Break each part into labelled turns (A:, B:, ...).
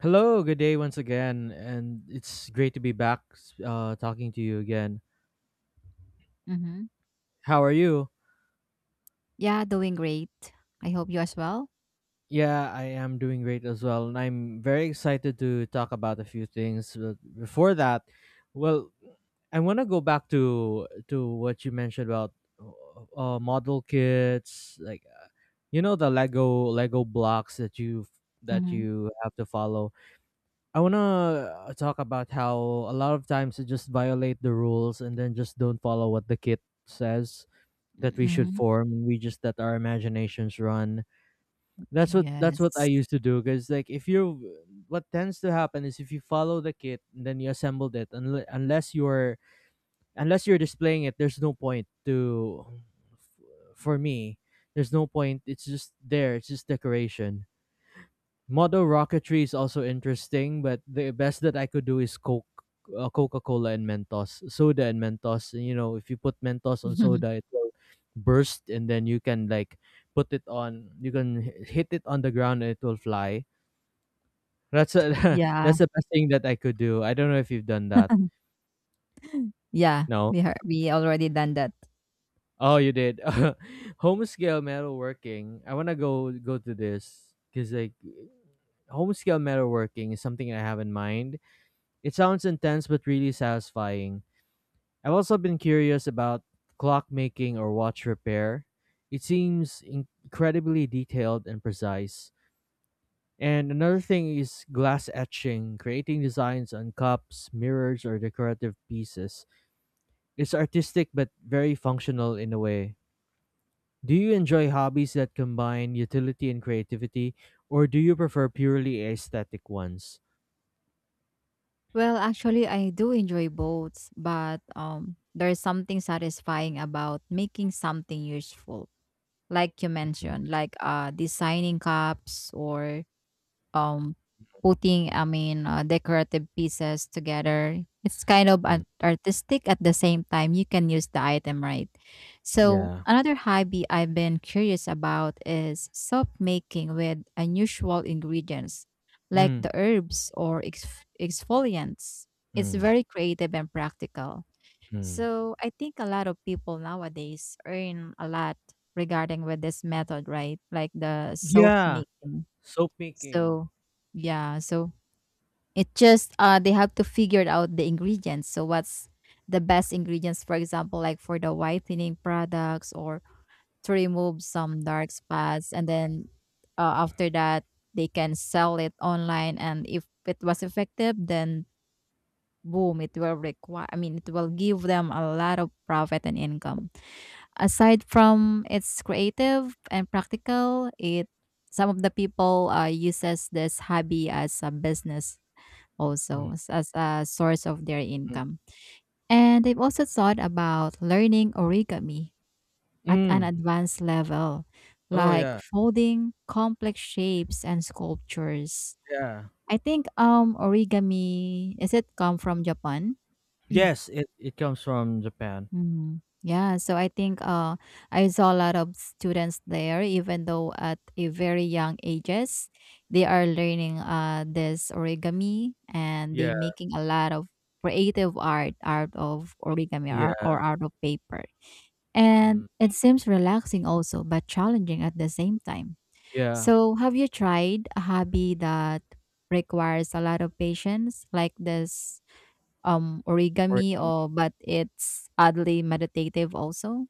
A: Hello, good day once again, and it's great to be back talking to you again.
B: Mhm.
A: How are you?
B: Yeah, doing great. I hope you as well.
A: Yeah, I am doing great as well, and I'm very excited to talk about a few things. But before that, well, I want to go back to what you mentioned about model kits, like uh, the Lego blocks that you
B: Mhm.
A: have to follow. I want to talk about how a lot of times they just violate the rules and then just don't follow what the kit says that we should
B: Mhm.
A: form, and we just let our imaginations run. That's what I
B: Yes.
A: used to do, because like if you, what tends to happen is if you follow the kit and then you assembled it, unless you're unless you're displaying it, there's no point to, for me, there's no point. It's just there, it's just decoration. Model rocketry is also interesting, but the best that I could do is Coke, Coca Cola, and Mentos, soda and Mentos. You know, if you put Mentos on soda, it will burst, and then you can like put it on. You can hit it on the ground, and it will fly. That's
B: Yeah.
A: that's the best thing that I could do. I don't know if you've done that.
B: Yeah.
A: No.
B: We already done that.
A: Oh, you did. Home scale metalworking. I wanna go to this, because like home scale metalworking is something I have in mind. It sounds intense but really satisfying. I've also been curious about clockmaking or watch repair. It seems incredibly detailed and precise. And another thing is glass etching, creating designs on cups, mirrors, or decorative pieces. It's artistic but very functional in a way. Do you enjoy hobbies that combine utility and creativity, or do you prefer purely aesthetic ones?
B: Well, actually, I do enjoy both, but there is something satisfying about making something useful, like you
A: Mm,
B: mentioned, like designing cups or um, putting, I mean, decorative pieces together. It's kind of art-
A: mm.
B: artistic at the same time. You can use the item, right? So,
A: Yeah.
B: another hobby I've been curious about is soap making with unusual ingredients like
A: Mm,
B: the herbs or exfoliants. It's
A: mm,
B: very creative and practical.
A: mm.
B: So, I think a lot of people nowadays earn a lot regarding with this method, right? Like the soap
A: Yeah.
B: making.
A: Soap making.
B: So, yeah, so it just they have to figure out the ingredients. So what's the best ingredients, for example, like for the whitening products or to remove some dark spots, and then after that they can sell it online. And if it was effective, then boom, it will require, I mean, it will give them a lot of profit and income. Aside from its creative and practical, it, some of the people uses this hobby as a business,
A: Mm.
B: also as a source of their
A: Mm.
B: income. And they've also thought about learning origami at an
A: Mm.
B: advanced level,
A: Oh
B: like
A: yeah,
B: folding complex shapes and sculptures.
A: yeah.
B: I think origami is, it come from Japan?
A: Yes, it comes from Japan.
B: Mhm. Yeah, so I think I saw a lot of students there, even though at a very young ages, they are learning this origami, and they
A: Yeah,
B: making a lot of creative art out of origami, or,
A: yeah,
B: or out of paper. And
A: mm,
B: it seems relaxing also, but challenging at the same time.
A: yeah.
B: So have you tried a hobby that requires a lot of patience, like this origami,
A: Origami.
B: or but it's oddly meditative also?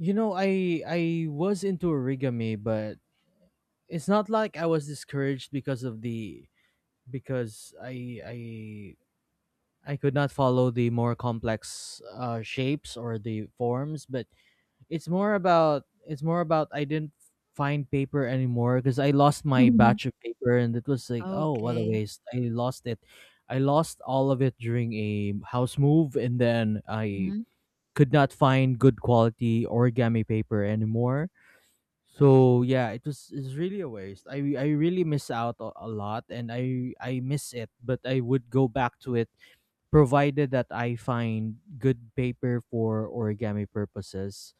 A: You know, I was into origami, but it's not like I was discouraged because of the, because I could not follow the more complex shapes or the forms. But it's more about I didn't find paper anymore, because I lost my
B: Mhm.
A: batch of paper, and it was like, oh, what a
B: Okay.
A: waste. I lost it. I lost all of it during a house move, and then I
B: Mhm.
A: could not find good quality origami paper anymore. So yeah, it's really a waste. I really miss out a lot, and I miss it, but I would go back to it provided that I find good paper for origami purposes.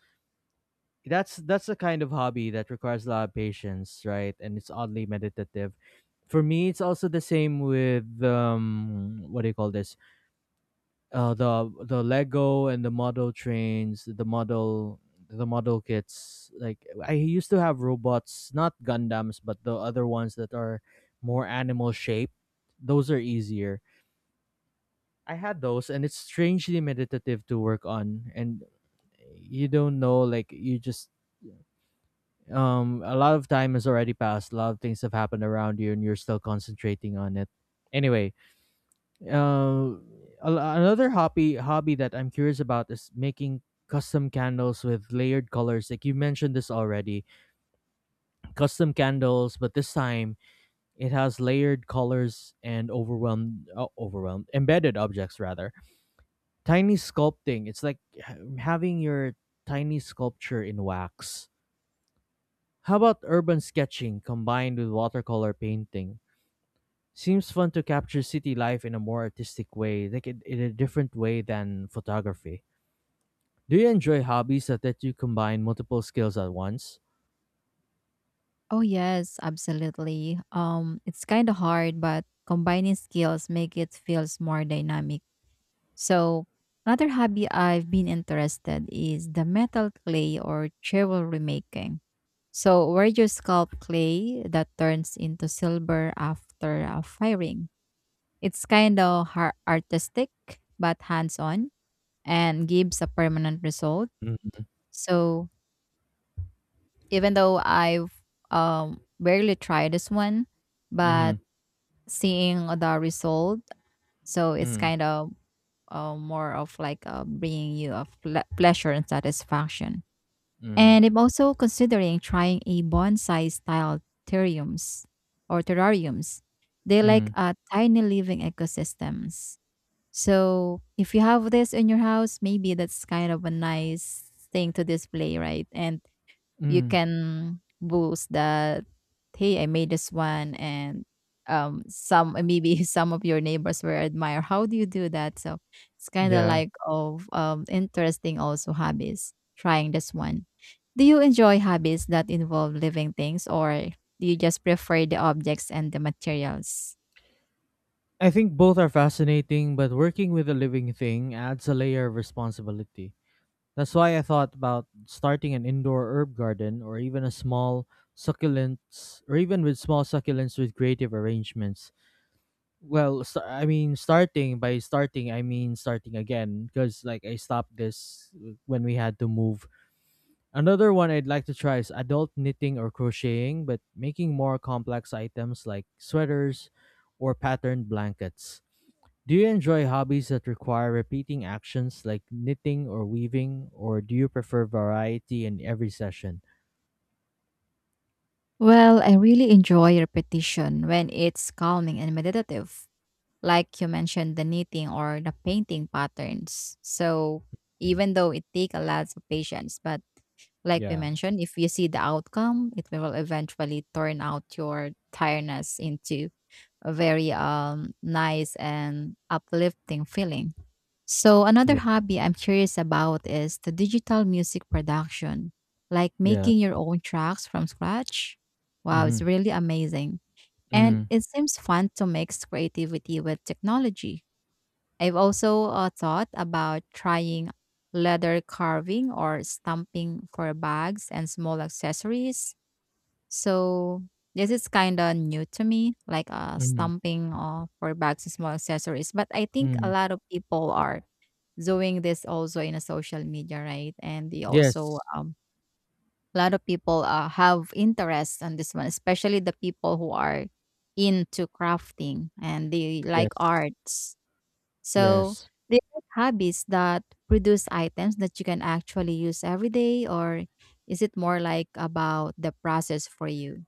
A: That's the kind of hobby that requires a lot of patience, right? And it's oddly meditative. For me, it's also the same with what do you call this? The Lego and the model trains, the model kits. Like I used to have robots, not Gundams, but the other ones that are more animal shaped. Those are easier. I had those, and it's strangely meditative to work on. And you don't know, like you just a lot of time has already passed, a lot of things have happened around you, and you're still concentrating on it. Anyway, uh a- another hobby that I'm curious about is making custom candles with layered colors, like you mentioned this already, custom candles, but this time it has layered colors and overwhelmed, overwhelmed embedded objects, rather tiny sculpting. It's like having your tiny sculpture in wax. How about urban sketching combined with watercolor painting? Seems fun to capture city life in a more artistic way, like in a different way than photography. Do you enjoy hobbies that let you combine multiple skills at once?
B: Oh, yes, absolutely. It's kind of hard, but combining skills make it feels more dynamic. So, another hobby I've been interested is the metal clay or jewelry making. So, where you sculpt clay that turns into silver after a firing. It's kind of artistic, but hands on and gives a permanent result.
A: Mm-hmm.
B: So even though I've barely tried this one, but
A: Mm-hmm.
B: seeing the result, so it's
A: Mm-hmm.
B: kind of more of like bringing you a pleasure and satisfaction. And I'm also considering trying a bonsai style terrariums or terrariums. They like
A: Mm-hmm.
B: tiny living ecosystems. So if you have this in your house, maybe that's kind of a nice thing to display, right? And you
A: Mm.
B: can boast that, hey, I made this one, and some maybe some of your neighbors will admire. How do you do that? So it's kind of
A: Yeah.
B: like of interesting also hobbies. Trying this one. Do you enjoy hobbies that involve living things, or do you just prefer the objects and the materials?
A: I think both are fascinating, but working with a living thing adds a layer of responsibility. That's why I thought about starting an indoor herb garden, or even a small succulents, or even with small succulents with creative arrangements. Well, I mean starting by starting, I mean starting again, because like I stopped this when we had to move. Another one I'd like to try is adult knitting or crocheting, but making more complex items like sweaters or patterned blankets. Do you enjoy hobbies that require repeating actions like knitting or weaving, or do you prefer variety in every session?
B: Well, I really enjoy repetition when it's calming and meditative, like you mentioned the knitting or the painting patterns. So
A: Mm.
B: even though it takes a lot of patience, but like we
A: Yeah,
B: mentioned, if you see the outcome, it will eventually turn out your tiredness into a very nice and uplifting feeling. So, another
A: yeah,
B: hobby I'm curious about is the digital music production, like
A: yeah.
B: making your own tracks from scratch. Wow,
A: Mm-hmm.
B: it's really amazing. And
A: Mm-hmm.
B: it seems fun to mix creativity with technology. I've also thought about trying leather carving or stamping for bags and small accessories. So, this is kind of new to me, like
A: Mm-hmm.
B: stamping for bags and small accessories. But I think a
A: Mm.
B: lot of people are doing this also in a social media, right? And they also
A: Yes,
B: a lot of people have interest on this one, especially the people who are into crafting and they like
A: yes,
B: arts. So
A: yes.
B: they are hobbies that produce items that you can actually use every day, or is it more like about the process for you?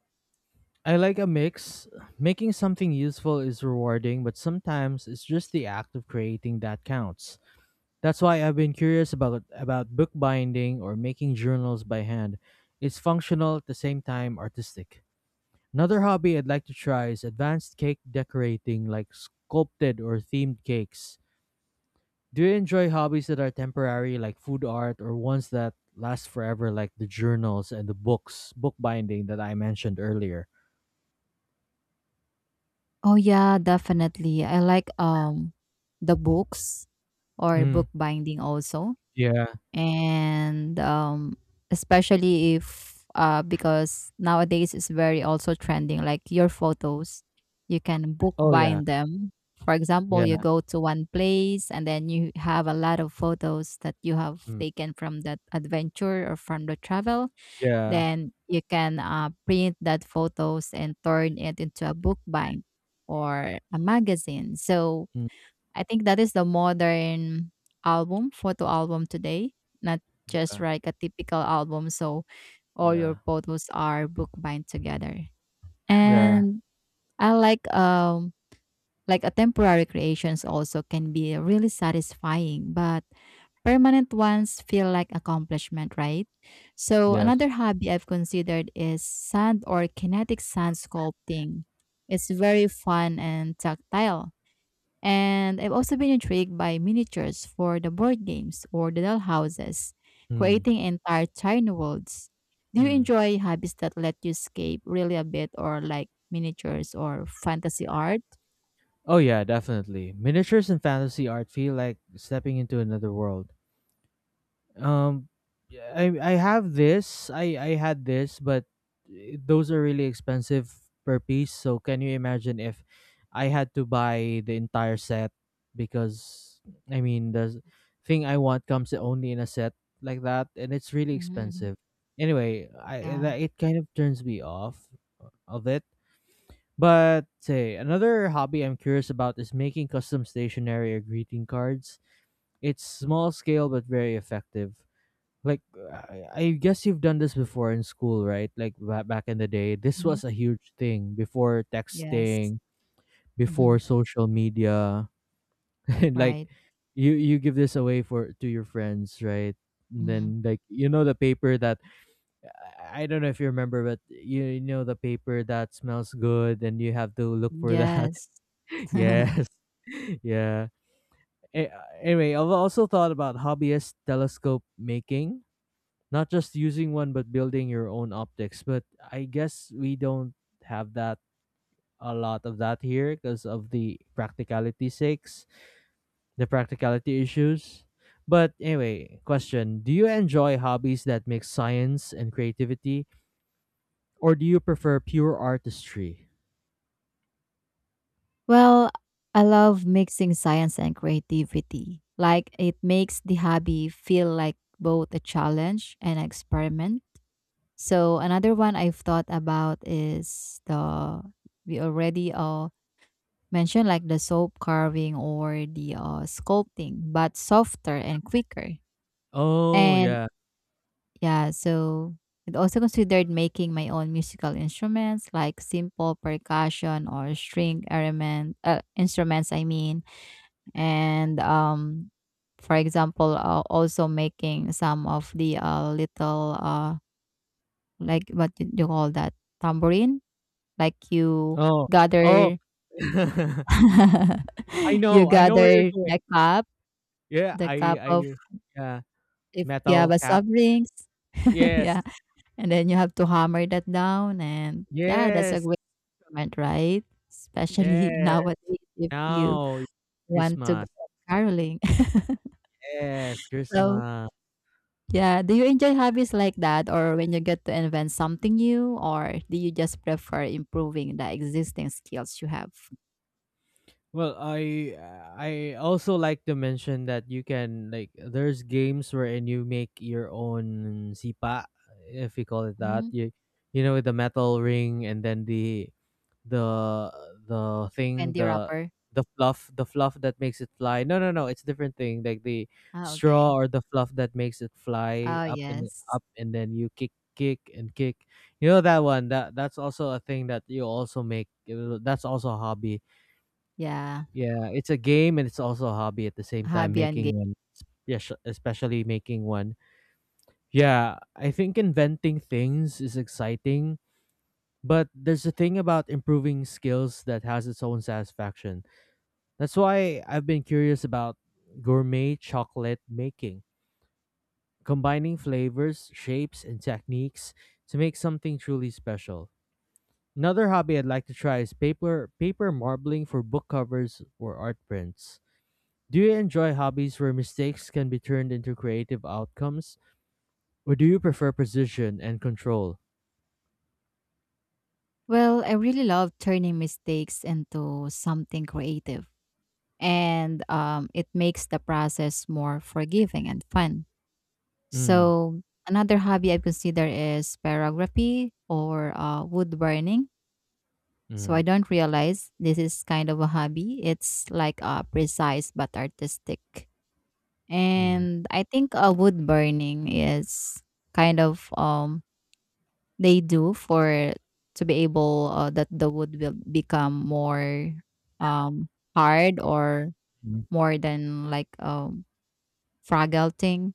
A: I like a mix. Making something useful is rewarding, but sometimes it's just the act of creating that counts. That's why I've been curious about bookbinding or making journals by hand. It's functional at the same time artistic. Another hobby I'd like to try is advanced cake decorating, like sculpted or themed cakes. Do you enjoy hobbies that are temporary, like food art, or ones that last forever, like the journals and the books, bookbinding that I mentioned earlier?
B: Oh yeah, definitely. I like the books or
A: Mm,
B: book binding also,
A: yeah.
B: and especially if because nowadays it's very also trending, like your photos you can book
A: Oh, yeah.
B: bind them. For example, you
A: Yeah.
B: go to one place and then you have a lot of photos that you have
A: Mm,
B: taken from that adventure or from the travel,
A: yeah.
B: then you can print that photos and turn it into a book bind or a magazine. So
A: Mm,
B: I think that is the modern album, photo album today, not just
A: yeah.
B: like a typical album. So all your
A: Yeah.
B: photos are bookbind together.
A: Yeah.
B: And I like a temporary creations also can be really satisfying, but permanent ones feel like accomplishment, right? So
A: Yes.
B: another hobby I've considered is sand or kinetic sand sculpting. It's very fun and tactile, and I've also been intrigued by miniatures for the board games or the dollhouses,
A: Mm,
B: creating entire tiny worlds. Do you
A: mm.
B: enjoy hobbies that let you escape really a bit, or like miniatures or fantasy art?
A: Oh, yeah, definitely. Miniatures and fantasy art feel like stepping into another world. Um, yeah, I have this. I had this, but eh, those are really expensive per piece. So can you imagine if I had to buy the entire set, because I mean the thing I want comes only in a set like that, and it's really
B: Hmm.
A: expensive. Anyway, I
B: Yeah.
A: that it kind of turns me off of it. But say another hobby I'm curious about is making custom stationery or greeting cards. It's small scale but very effective, like I guess you've done this before in school, right? Like back in the day, this
B: Hmm.
A: was a huge thing before
B: Yes.
A: texting, before
B: Hmm.
A: social media, and like
B: Right.
A: you give this away for to your friends, right? And
B: Hmm.
A: then like you know the paper that, I don't know if you remember, but you know the paper that smells good, and you have to look for that.
B: Yes.
A: Yes, yeah. A- Anyway, I've also thought about hobbyist telescope making, not just using one but building your own optics. But I guess we don't have that, a lot of that here, because of the practicality sakes, the practicality issues. But anyway, question, do you enjoy hobbies that mix science and creativity, or do you prefer pure artistry?
B: Well, I love mixing science and creativity. Like, it makes the hobby feel like both a challenge and an experiment. So another one I've thought about is, the we already mentioned, like the soap carving or the sculpting, but softer and quicker.
A: Oh
B: And
A: yeah.
B: yeah, so it also considered making my own musical instruments like simple percussion or string element instruments, I mean. And for example, also making some of the little like what do you call that, tambourine. Like you
A: Oh, oh.
B: gather
A: i
B: you
A: know i know where you're
B: gather
A: going.
B: the cup,
A: Yeah,
B: the
A: i
B: cup of,
A: i yeah.
B: if you have
A: Metal
B: a
A: cap.
B: soft drinks.
A: Yes,
B: yeah. And then you have to hammer that down and yeah, that's a
A: yes,
B: great moment, right? Especially
A: yes.
B: nowadays if you
A: Now,
B: want to go
A: Christmas.
B: caroling.
A: Yes,
B: so
A: Christmas.
B: yeah, do you enjoy hobbies like that or when you get to invent something new, or do you just prefer improving the existing skills you have?
A: Well, I also like to mention that you can like there's games wherein you make your own sipa, if we call it that.
B: Mm,
A: You know with the metal ring and then the the thing
B: candy
A: the
B: wrapper.
A: the fluff, the fluff that makes it fly, no no no, it's different thing, like the
B: Ah,
A: straw
B: okay.
A: or the fluff that makes it fly
B: Oh,
A: up and
B: yes.
A: up, and then you kick and kick. You know that one, that that's also a thing that you also make, that's also a hobby.
B: Yeah,
A: Yeah, it's a game and it's also a hobby at the same time,
B: Habia.
A: making one. Yeah, especially making one. Yeah, I think inventing things is exciting, but there's a thing about improving skills that has its own satisfaction. That's why I've been curious about gourmet chocolate making, combining flavors, shapes, and techniques to make something truly special. Another hobby I'd like to try is paper marbling for book covers or art prints. Do you enjoy hobbies where mistakes can be turned into creative outcomes, or do you prefer precision and control?
B: Well, I really love turning mistakes into something creative, and it makes the process more forgiving and fun.
A: Mm,
B: So, another hobby I consider is pyrography or wood burning. So, I
A: mm,
B: don't realize this is kind of a hobby. It's like precise but artistic.
A: mm.
B: And I think wood burning is kind of they do for to be able, that the wood will become more, um, hard or
A: Mm.
B: more than like, fragile thing,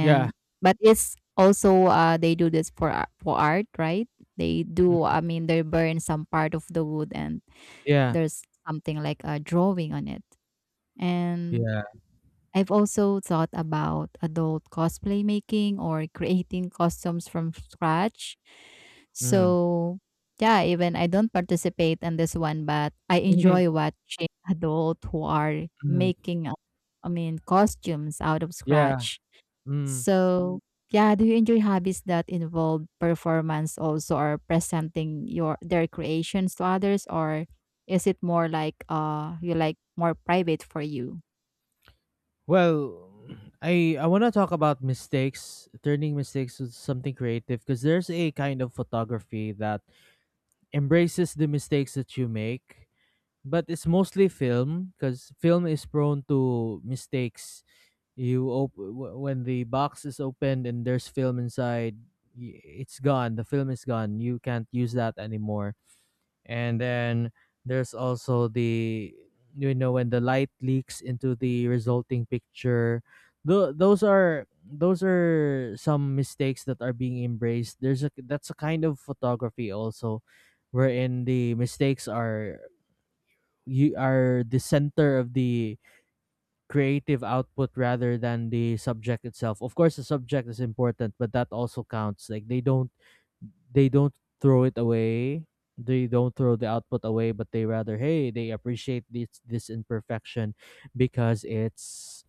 A: Yeah,
B: but it's also, they do this for art, right? They do
A: mm,
B: I mean, they burn some part of the wood and
A: yeah,
B: there's something like a drawing on it. And
A: yeah.
B: I've also thought about adult cosplay making or creating costumes from scratch.
A: Mm.
B: So, yeah, even I don't participate in this one, but I enjoy watching adults who are
A: Mm.
B: making, I mean, costumes out of
A: Yeah.
B: scratch.
A: Mm.
B: So, yeah, do you enjoy hobbies that involve performance also or presenting your their creations to others, or is it more like you like more private for you?
A: Well, I want to talk about mistakes, turning mistakes into something creative, because there's a kind of photography that embraces the mistakes that you make, but it's mostly film because film is prone to mistakes. You when the box is opened and there's film inside, it's gone. The film is gone. You can't use that anymore. And then there's also the, you know, when the light leaks into the resulting picture. Those are some mistakes that are being embraced. There's a, that's a kind of photography also wherein the mistakes are, you are the center of the creative output rather than the subject itself. Of course, the subject is important, but that also counts. Like they don't, they don't throw it away. They don't throw the output away, but they rather, hey, they appreciate this imperfection, because it's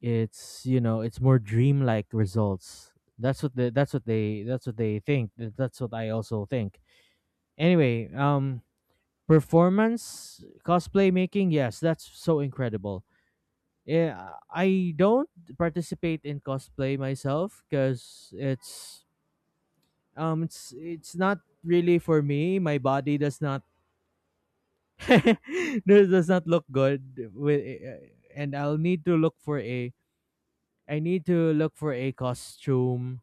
A: it's you know, it's more dreamlike results. That's what that's what they, that's what they think. That's what I also think. Anyway, performance cosplay making, yes, that's so incredible. Yeah, I don't participate in cosplay myself, because it's not really for me. My body does not does not look good with, eh, eh, and I need to look for a costume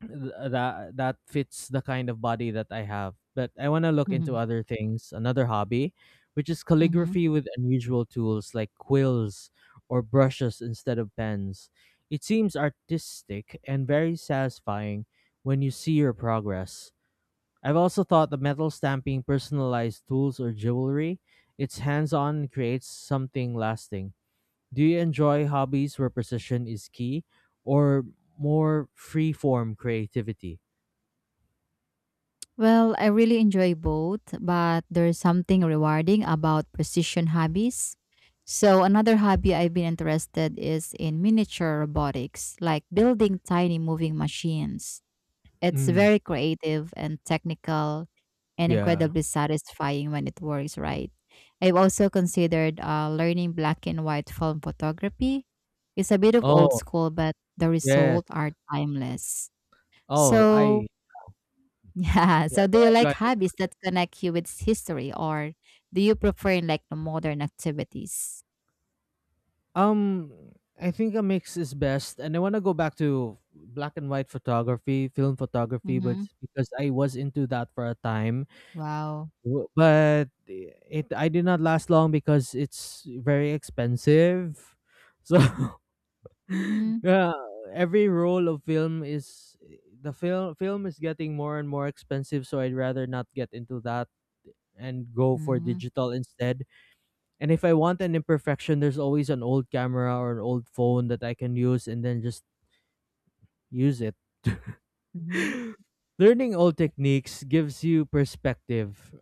A: that fits the kind of body that I have. But I want to look into
B: Mm-hmm.
A: other things, another hobby, which is
B: Mm-hmm.
A: calligraphy with unusual tools like quills or brushes instead of pens. It seems artistic and very satisfying when you see your progress. I've also thought the metal stamping personalized tools or jewelry. It's hands on and creates something lasting. Do you enjoy hobbies where precision is key, or more free form creativity?
B: Well, I really enjoy both, but there's something rewarding about precision hobbies. So, another hobby I've been interested is in miniature robotics, like building tiny moving machines. It's
A: Mm,
B: very creative and technical, and
A: yeah.
B: incredibly satisfying when it works right. I've also considered learning black and white film photography. It's a bit of old
A: Oh,
B: school, but the
A: yes.
B: results are timeless.
A: Oh,
B: So,
A: I
B: yeah.
A: yeah,
B: So
A: go
B: do you
A: ahead, go
B: like
A: ahead.
B: hobbies that connect you with history, or do you prefer like the modern activities?
A: Um, I think a mix is best, and I want to go back to black and white photography, film photography, but
B: Mm-hmm.
A: because I was into that for a time.
B: Wow.
A: W- but it I did not last long because it's very expensive. So
B: Mm-hmm.
A: yeah, every roll of film is the film is getting more and more expensive, so I'd rather not get into that and go for
B: Mm-hmm.
A: digital instead. And if I want an imperfection, there's always an old camera or an old phone that I can use and then just use it.
B: Mm-hmm.
A: Learning old techniques gives you perspective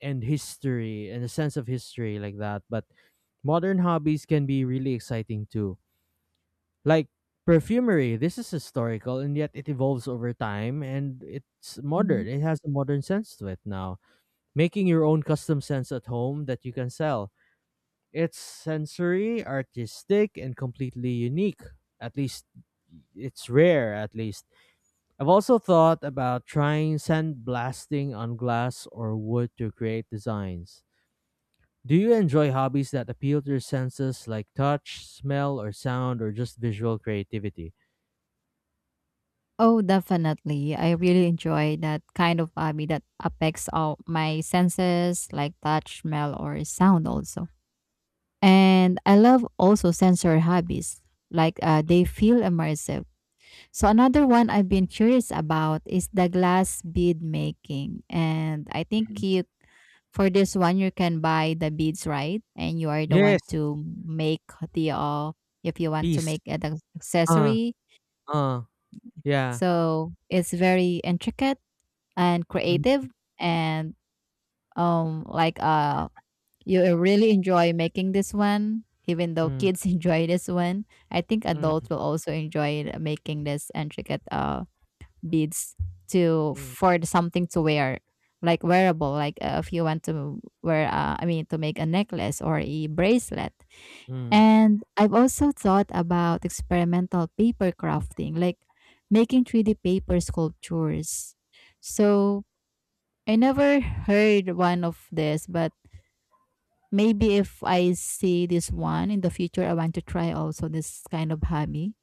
A: and history and a sense of history like that. But modern hobbies can be really exciting too. Like perfumery, this is historical and yet it evolves over time and it's
B: Mm-hmm.
A: modern. It has a modern sense to it now. Making your own custom scents at home that you can sell. It's sensory, artistic, and completely unique. At least it's rare, at least. I've also thought about trying sandblasting on glass or wood to create designs. Do you enjoy hobbies that appeal to your senses like touch, smell, or sound, or just visual creativity?
B: Oh, definitely. I really enjoy that kind of hobby that affects all my senses like touch, smell, or sound also. And I love also sensory hobbies. Like they feel immersive. So another one I've been curious about is the glass bead making. And I think
A: Mhm.
B: you for this one you can buy the beads, right? And you are the
A: Yes,
B: one to make the if you want to
A: peace.
B: make an
A: Uh,
B: accessory.
A: uh, yeah.
B: So it's very intricate and
A: Mm,
B: creative, and like you really enjoy making this one, even though
A: mm,
B: kids enjoy this one. I think
A: mm,
B: adults will also enjoy making this intricate beads, to
A: mm,
B: for the something to wear, like wearable, like if you want to wear, I mean to make a necklace or a bracelet.
A: mm,
B: And I've also thought about experimental paper crafting, like making 3D paper sculptures. So I never heard one of this, but maybe if I see this one in the future, I want to try also this kind of hobby.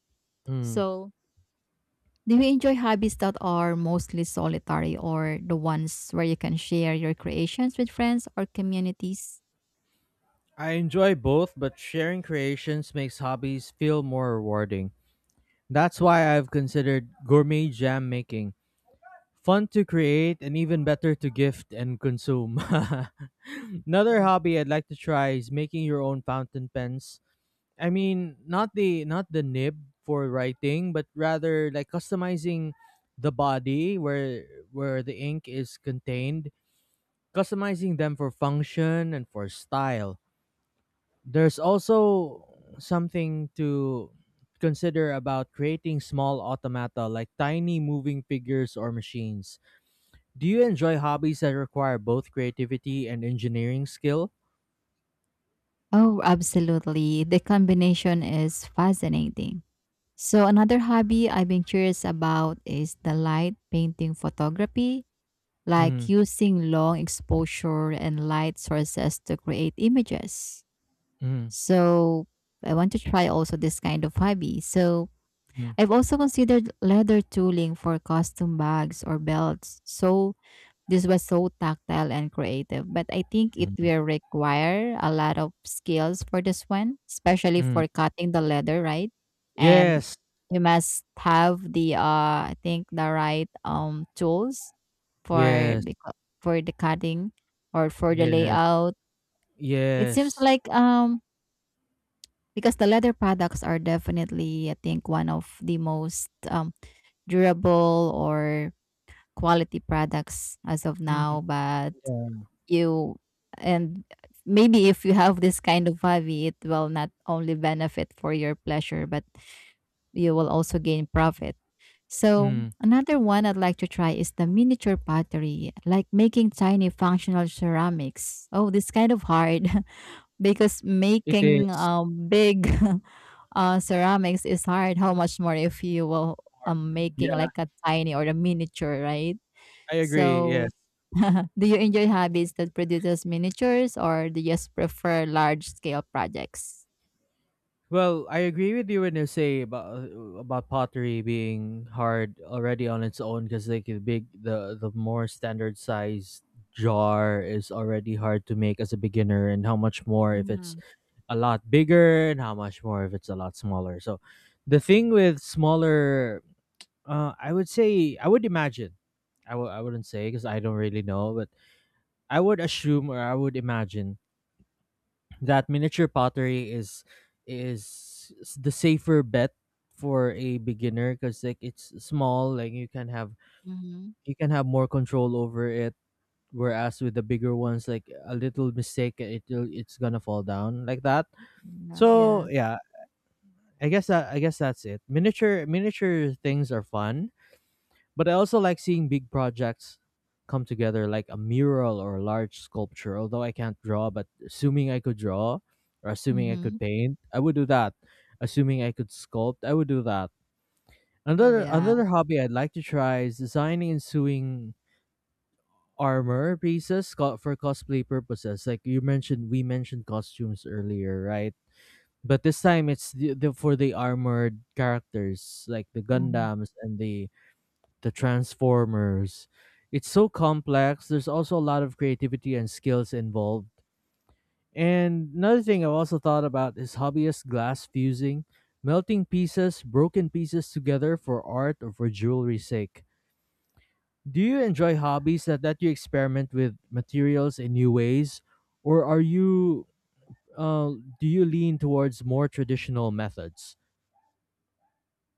A: mm.
B: So do you enjoy hobbies that are mostly solitary, or the ones where you can share your creations with friends or communities?
A: I enjoy both, but sharing creations makes hobbies feel more rewarding. That's why I've considered gourmet jam making. Fun to create and even better to gift and consume. Another
B: Mhm.
A: hobby I'd like to try is making your own fountain pens. I mean, not the nib for writing, but rather like customizing the body where the ink is contained, customizing them for function and for style. There's also something to consider about creating small automata like tiny moving figures or machines. Do you enjoy hobbies that require both creativity and engineering skill?
B: Oh, absolutely. The combination is fascinating. So, another hobby I've been curious about is the light painting photography, like
A: Mm,
B: using long exposure and light sources to create images.
A: mm,
B: So, I want to try also this kind of hobby. So,
A: mm,
B: I've also considered leather tooling for costume bags or belts. So this was so tactile and creative, but I think
A: mm,
B: it
A: mm.
B: will require a lot of skills for this one, especially
A: Mm.
B: for cutting the leather, right? And
A: Yes,
B: you must have the I think the right tools for
A: yes,
B: beca- for the cutting or for the
A: yes,
B: layout. It seems
A: yes.
B: like because the leather products are definitely, I think, one of the most durable or quality products as of
A: Mm,
B: now. But
A: yeah.
B: you and maybe if you have this kind of hobby, it will not only benefit for your pleasure, but you will also gain profit. So
A: Mm.
B: another one I'd like to try is the miniature pottery, like making tiny functional ceramics. Oh, this kind of hard. Because
A: It
B: making
A: is.
B: big ceramics is hard. How much more if you will making
A: Yeah,
B: like a tiny or a miniature, right?
A: I agree.
B: So,
A: Yes.
B: do you enjoy hobbies that produces miniatures, or do you just prefer large scale projects?
A: Well, I agree with you when you say about pottery being hard already on its own, because like the big, the more standard sized jar is already hard to make as a beginner, and how much more if it's
B: Mhm.
A: a lot bigger, and how much more if it's a lot smaller. So the thing with smaller, I would say, I would imagine, I wouldn't say because I don't really know, but I would assume or I would imagine that miniature pottery is the safer bet for a beginner, because like it's small, like
B: Mhm.
A: you can have more control over it, whereas with the bigger ones, like a little mistake, it's gonna fall down like that.
B: Yeah.
A: So
B: Yeah.
A: yeah, I guess that's it. Miniature things are fun, but I also like seeing big projects come together, like a mural or a large sculpture. Although I can't draw, but assuming I could draw or assuming I
B: Mm-hmm.
A: could paint, I would do that. Assuming I could sculpt, I would do that. Another
B: Yeah.
A: another hobby I'd like to try is designing and sewing armor pieces for cosplay purposes. Like you mentioned, we mentioned costumes earlier, right? But this time it's the for the armored characters like the
B: Mm-hmm.
A: Gundams and the Transformers. It's so complex. There's also a lot of creativity and skills involved. And another thing I've also thought about is hobbyist glass fusing, melting pieces, broken pieces together for art or for jewelry's sake. Do you enjoy hobbies that let you experiment with materials in new ways, or are you uh, do you lean towards more traditional methods?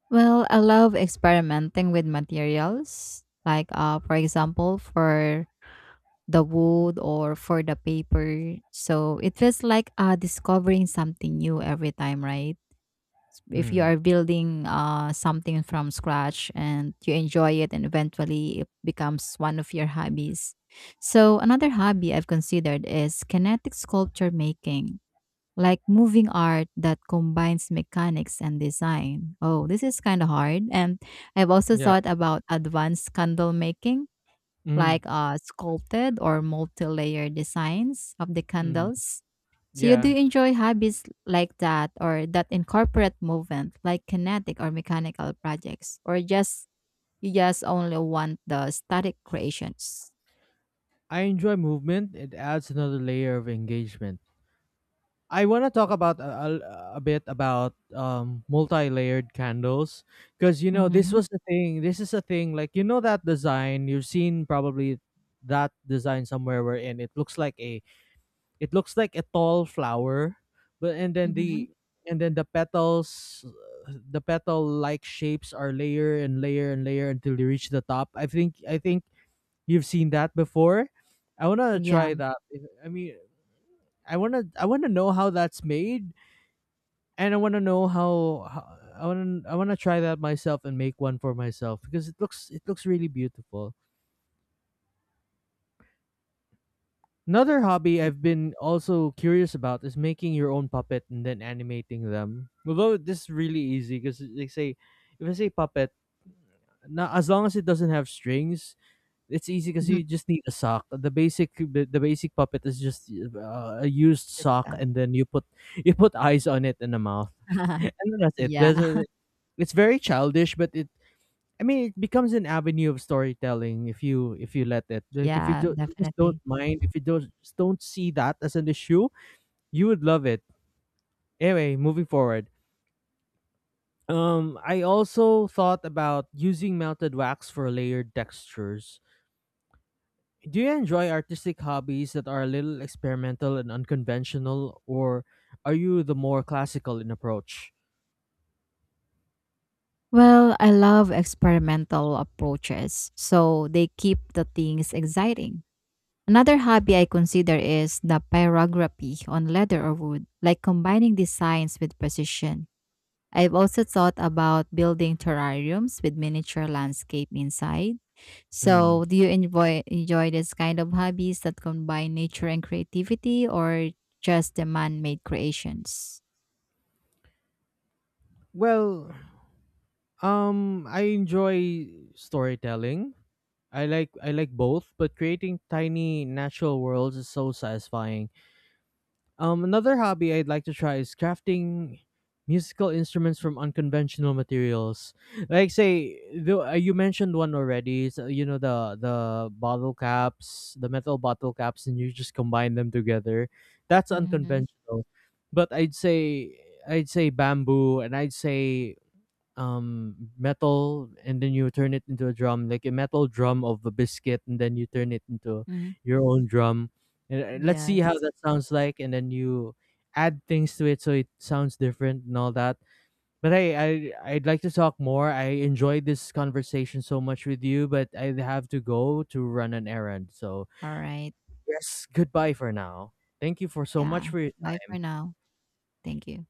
B: Well, I love experimenting with materials. Like, for example, for the wood or for the paper. So it feels like discovering something new every time, right? If you
A: Mm.
B: are building something from scratch and you enjoy it, and eventually it becomes one of your hobbies. So another hobby I've considered is kinetic sculpture making. Like moving art that combines mechanics and design. Oh, this is kind of hard. And I've also
A: Yeah.
B: thought about advanced candle making,
A: Mm.
B: like sculpted or multi-layered designs of the
A: Mm.
B: candles. So you
A: Yeah.
B: do enjoy hobbies like that or that incorporate movement like kinetic or mechanical projects, or just you just only want the static creations.
A: I enjoy movement. It adds another layer of engagement. I want to talk about a bit about multi-layered candles, because you know this
B: Mm-hmm.
A: was the thing. This is a thing, like you know that design you've seen probably, that design somewhere where in it looks like a it looks like a tall flower, but
B: Mm-hmm.
A: and then the petals, the petal like shapes are layer and layer and layer until they reach the top. I think you've seen that before? I want to
B: Yeah.
A: try that. If- I mean, I want to know how that's made, and I want to know how, I want to try that myself and make one for myself, because it looks, it looks really beautiful. Another hobby I've been also curious about is making your own puppet and then animating them. Although this is really easy because they say, if I say puppet, now as long as it doesn't have strings, it's easy because
B: Mhm.
A: you just need a sock. The basic, the basic puppet is just a used
B: That's
A: sock,
B: that.
A: and then you put eyes on it and a mouth, and then that's it.
B: yeah.
A: There's a, it's very childish, but it, I mean it becomes an avenue of storytelling if you let it. Like if you
B: Yeah,
A: do, just don't
B: definitely.
A: mind, if you don't just don't see that as an issue, you would love it. Anyway, moving forward. I also thought about using melted wax for layered textures. Do you enjoy artistic hobbies that are a little experimental and unconventional, or are you the more classical in approach?
B: Well, I love experimental approaches. So they keep the things exciting. Another hobby I consider is the pyrography on leather or wood, like combining designs with precision. I've also thought about building terrariums with miniature landscape inside.
A: Mm.
B: So, do you enjoy this kind of hobbies that combine nature and creativity, or just the man-made creations?
A: Well, I enjoy storytelling. I like both, but creating tiny natural worlds is so satisfying. Another hobby I'd like to try is crafting musical instruments from unconventional materials. Like say, though you mentioned one already. So, you know, the bottle caps, the metal bottle caps, and you just combine them together. That's
B: Mhm.
A: unconventional. But I'd say bamboo, and I'd say metal, and then you turn it into a drum, like a metal drum of a biscuit, and then you turn it into
B: Mhm.
A: your own drum, and let's see how
B: Yes.
A: that sounds like, and then you add things to it so it sounds different and all that. But hey, I'd like to talk more, I enjoyed this conversation so much with you, but I have to go to run an errand. So
B: All right.
A: yes, goodbye for now. Thank you for so
B: Yeah.
A: much for your
B: Bye for now. Thank you.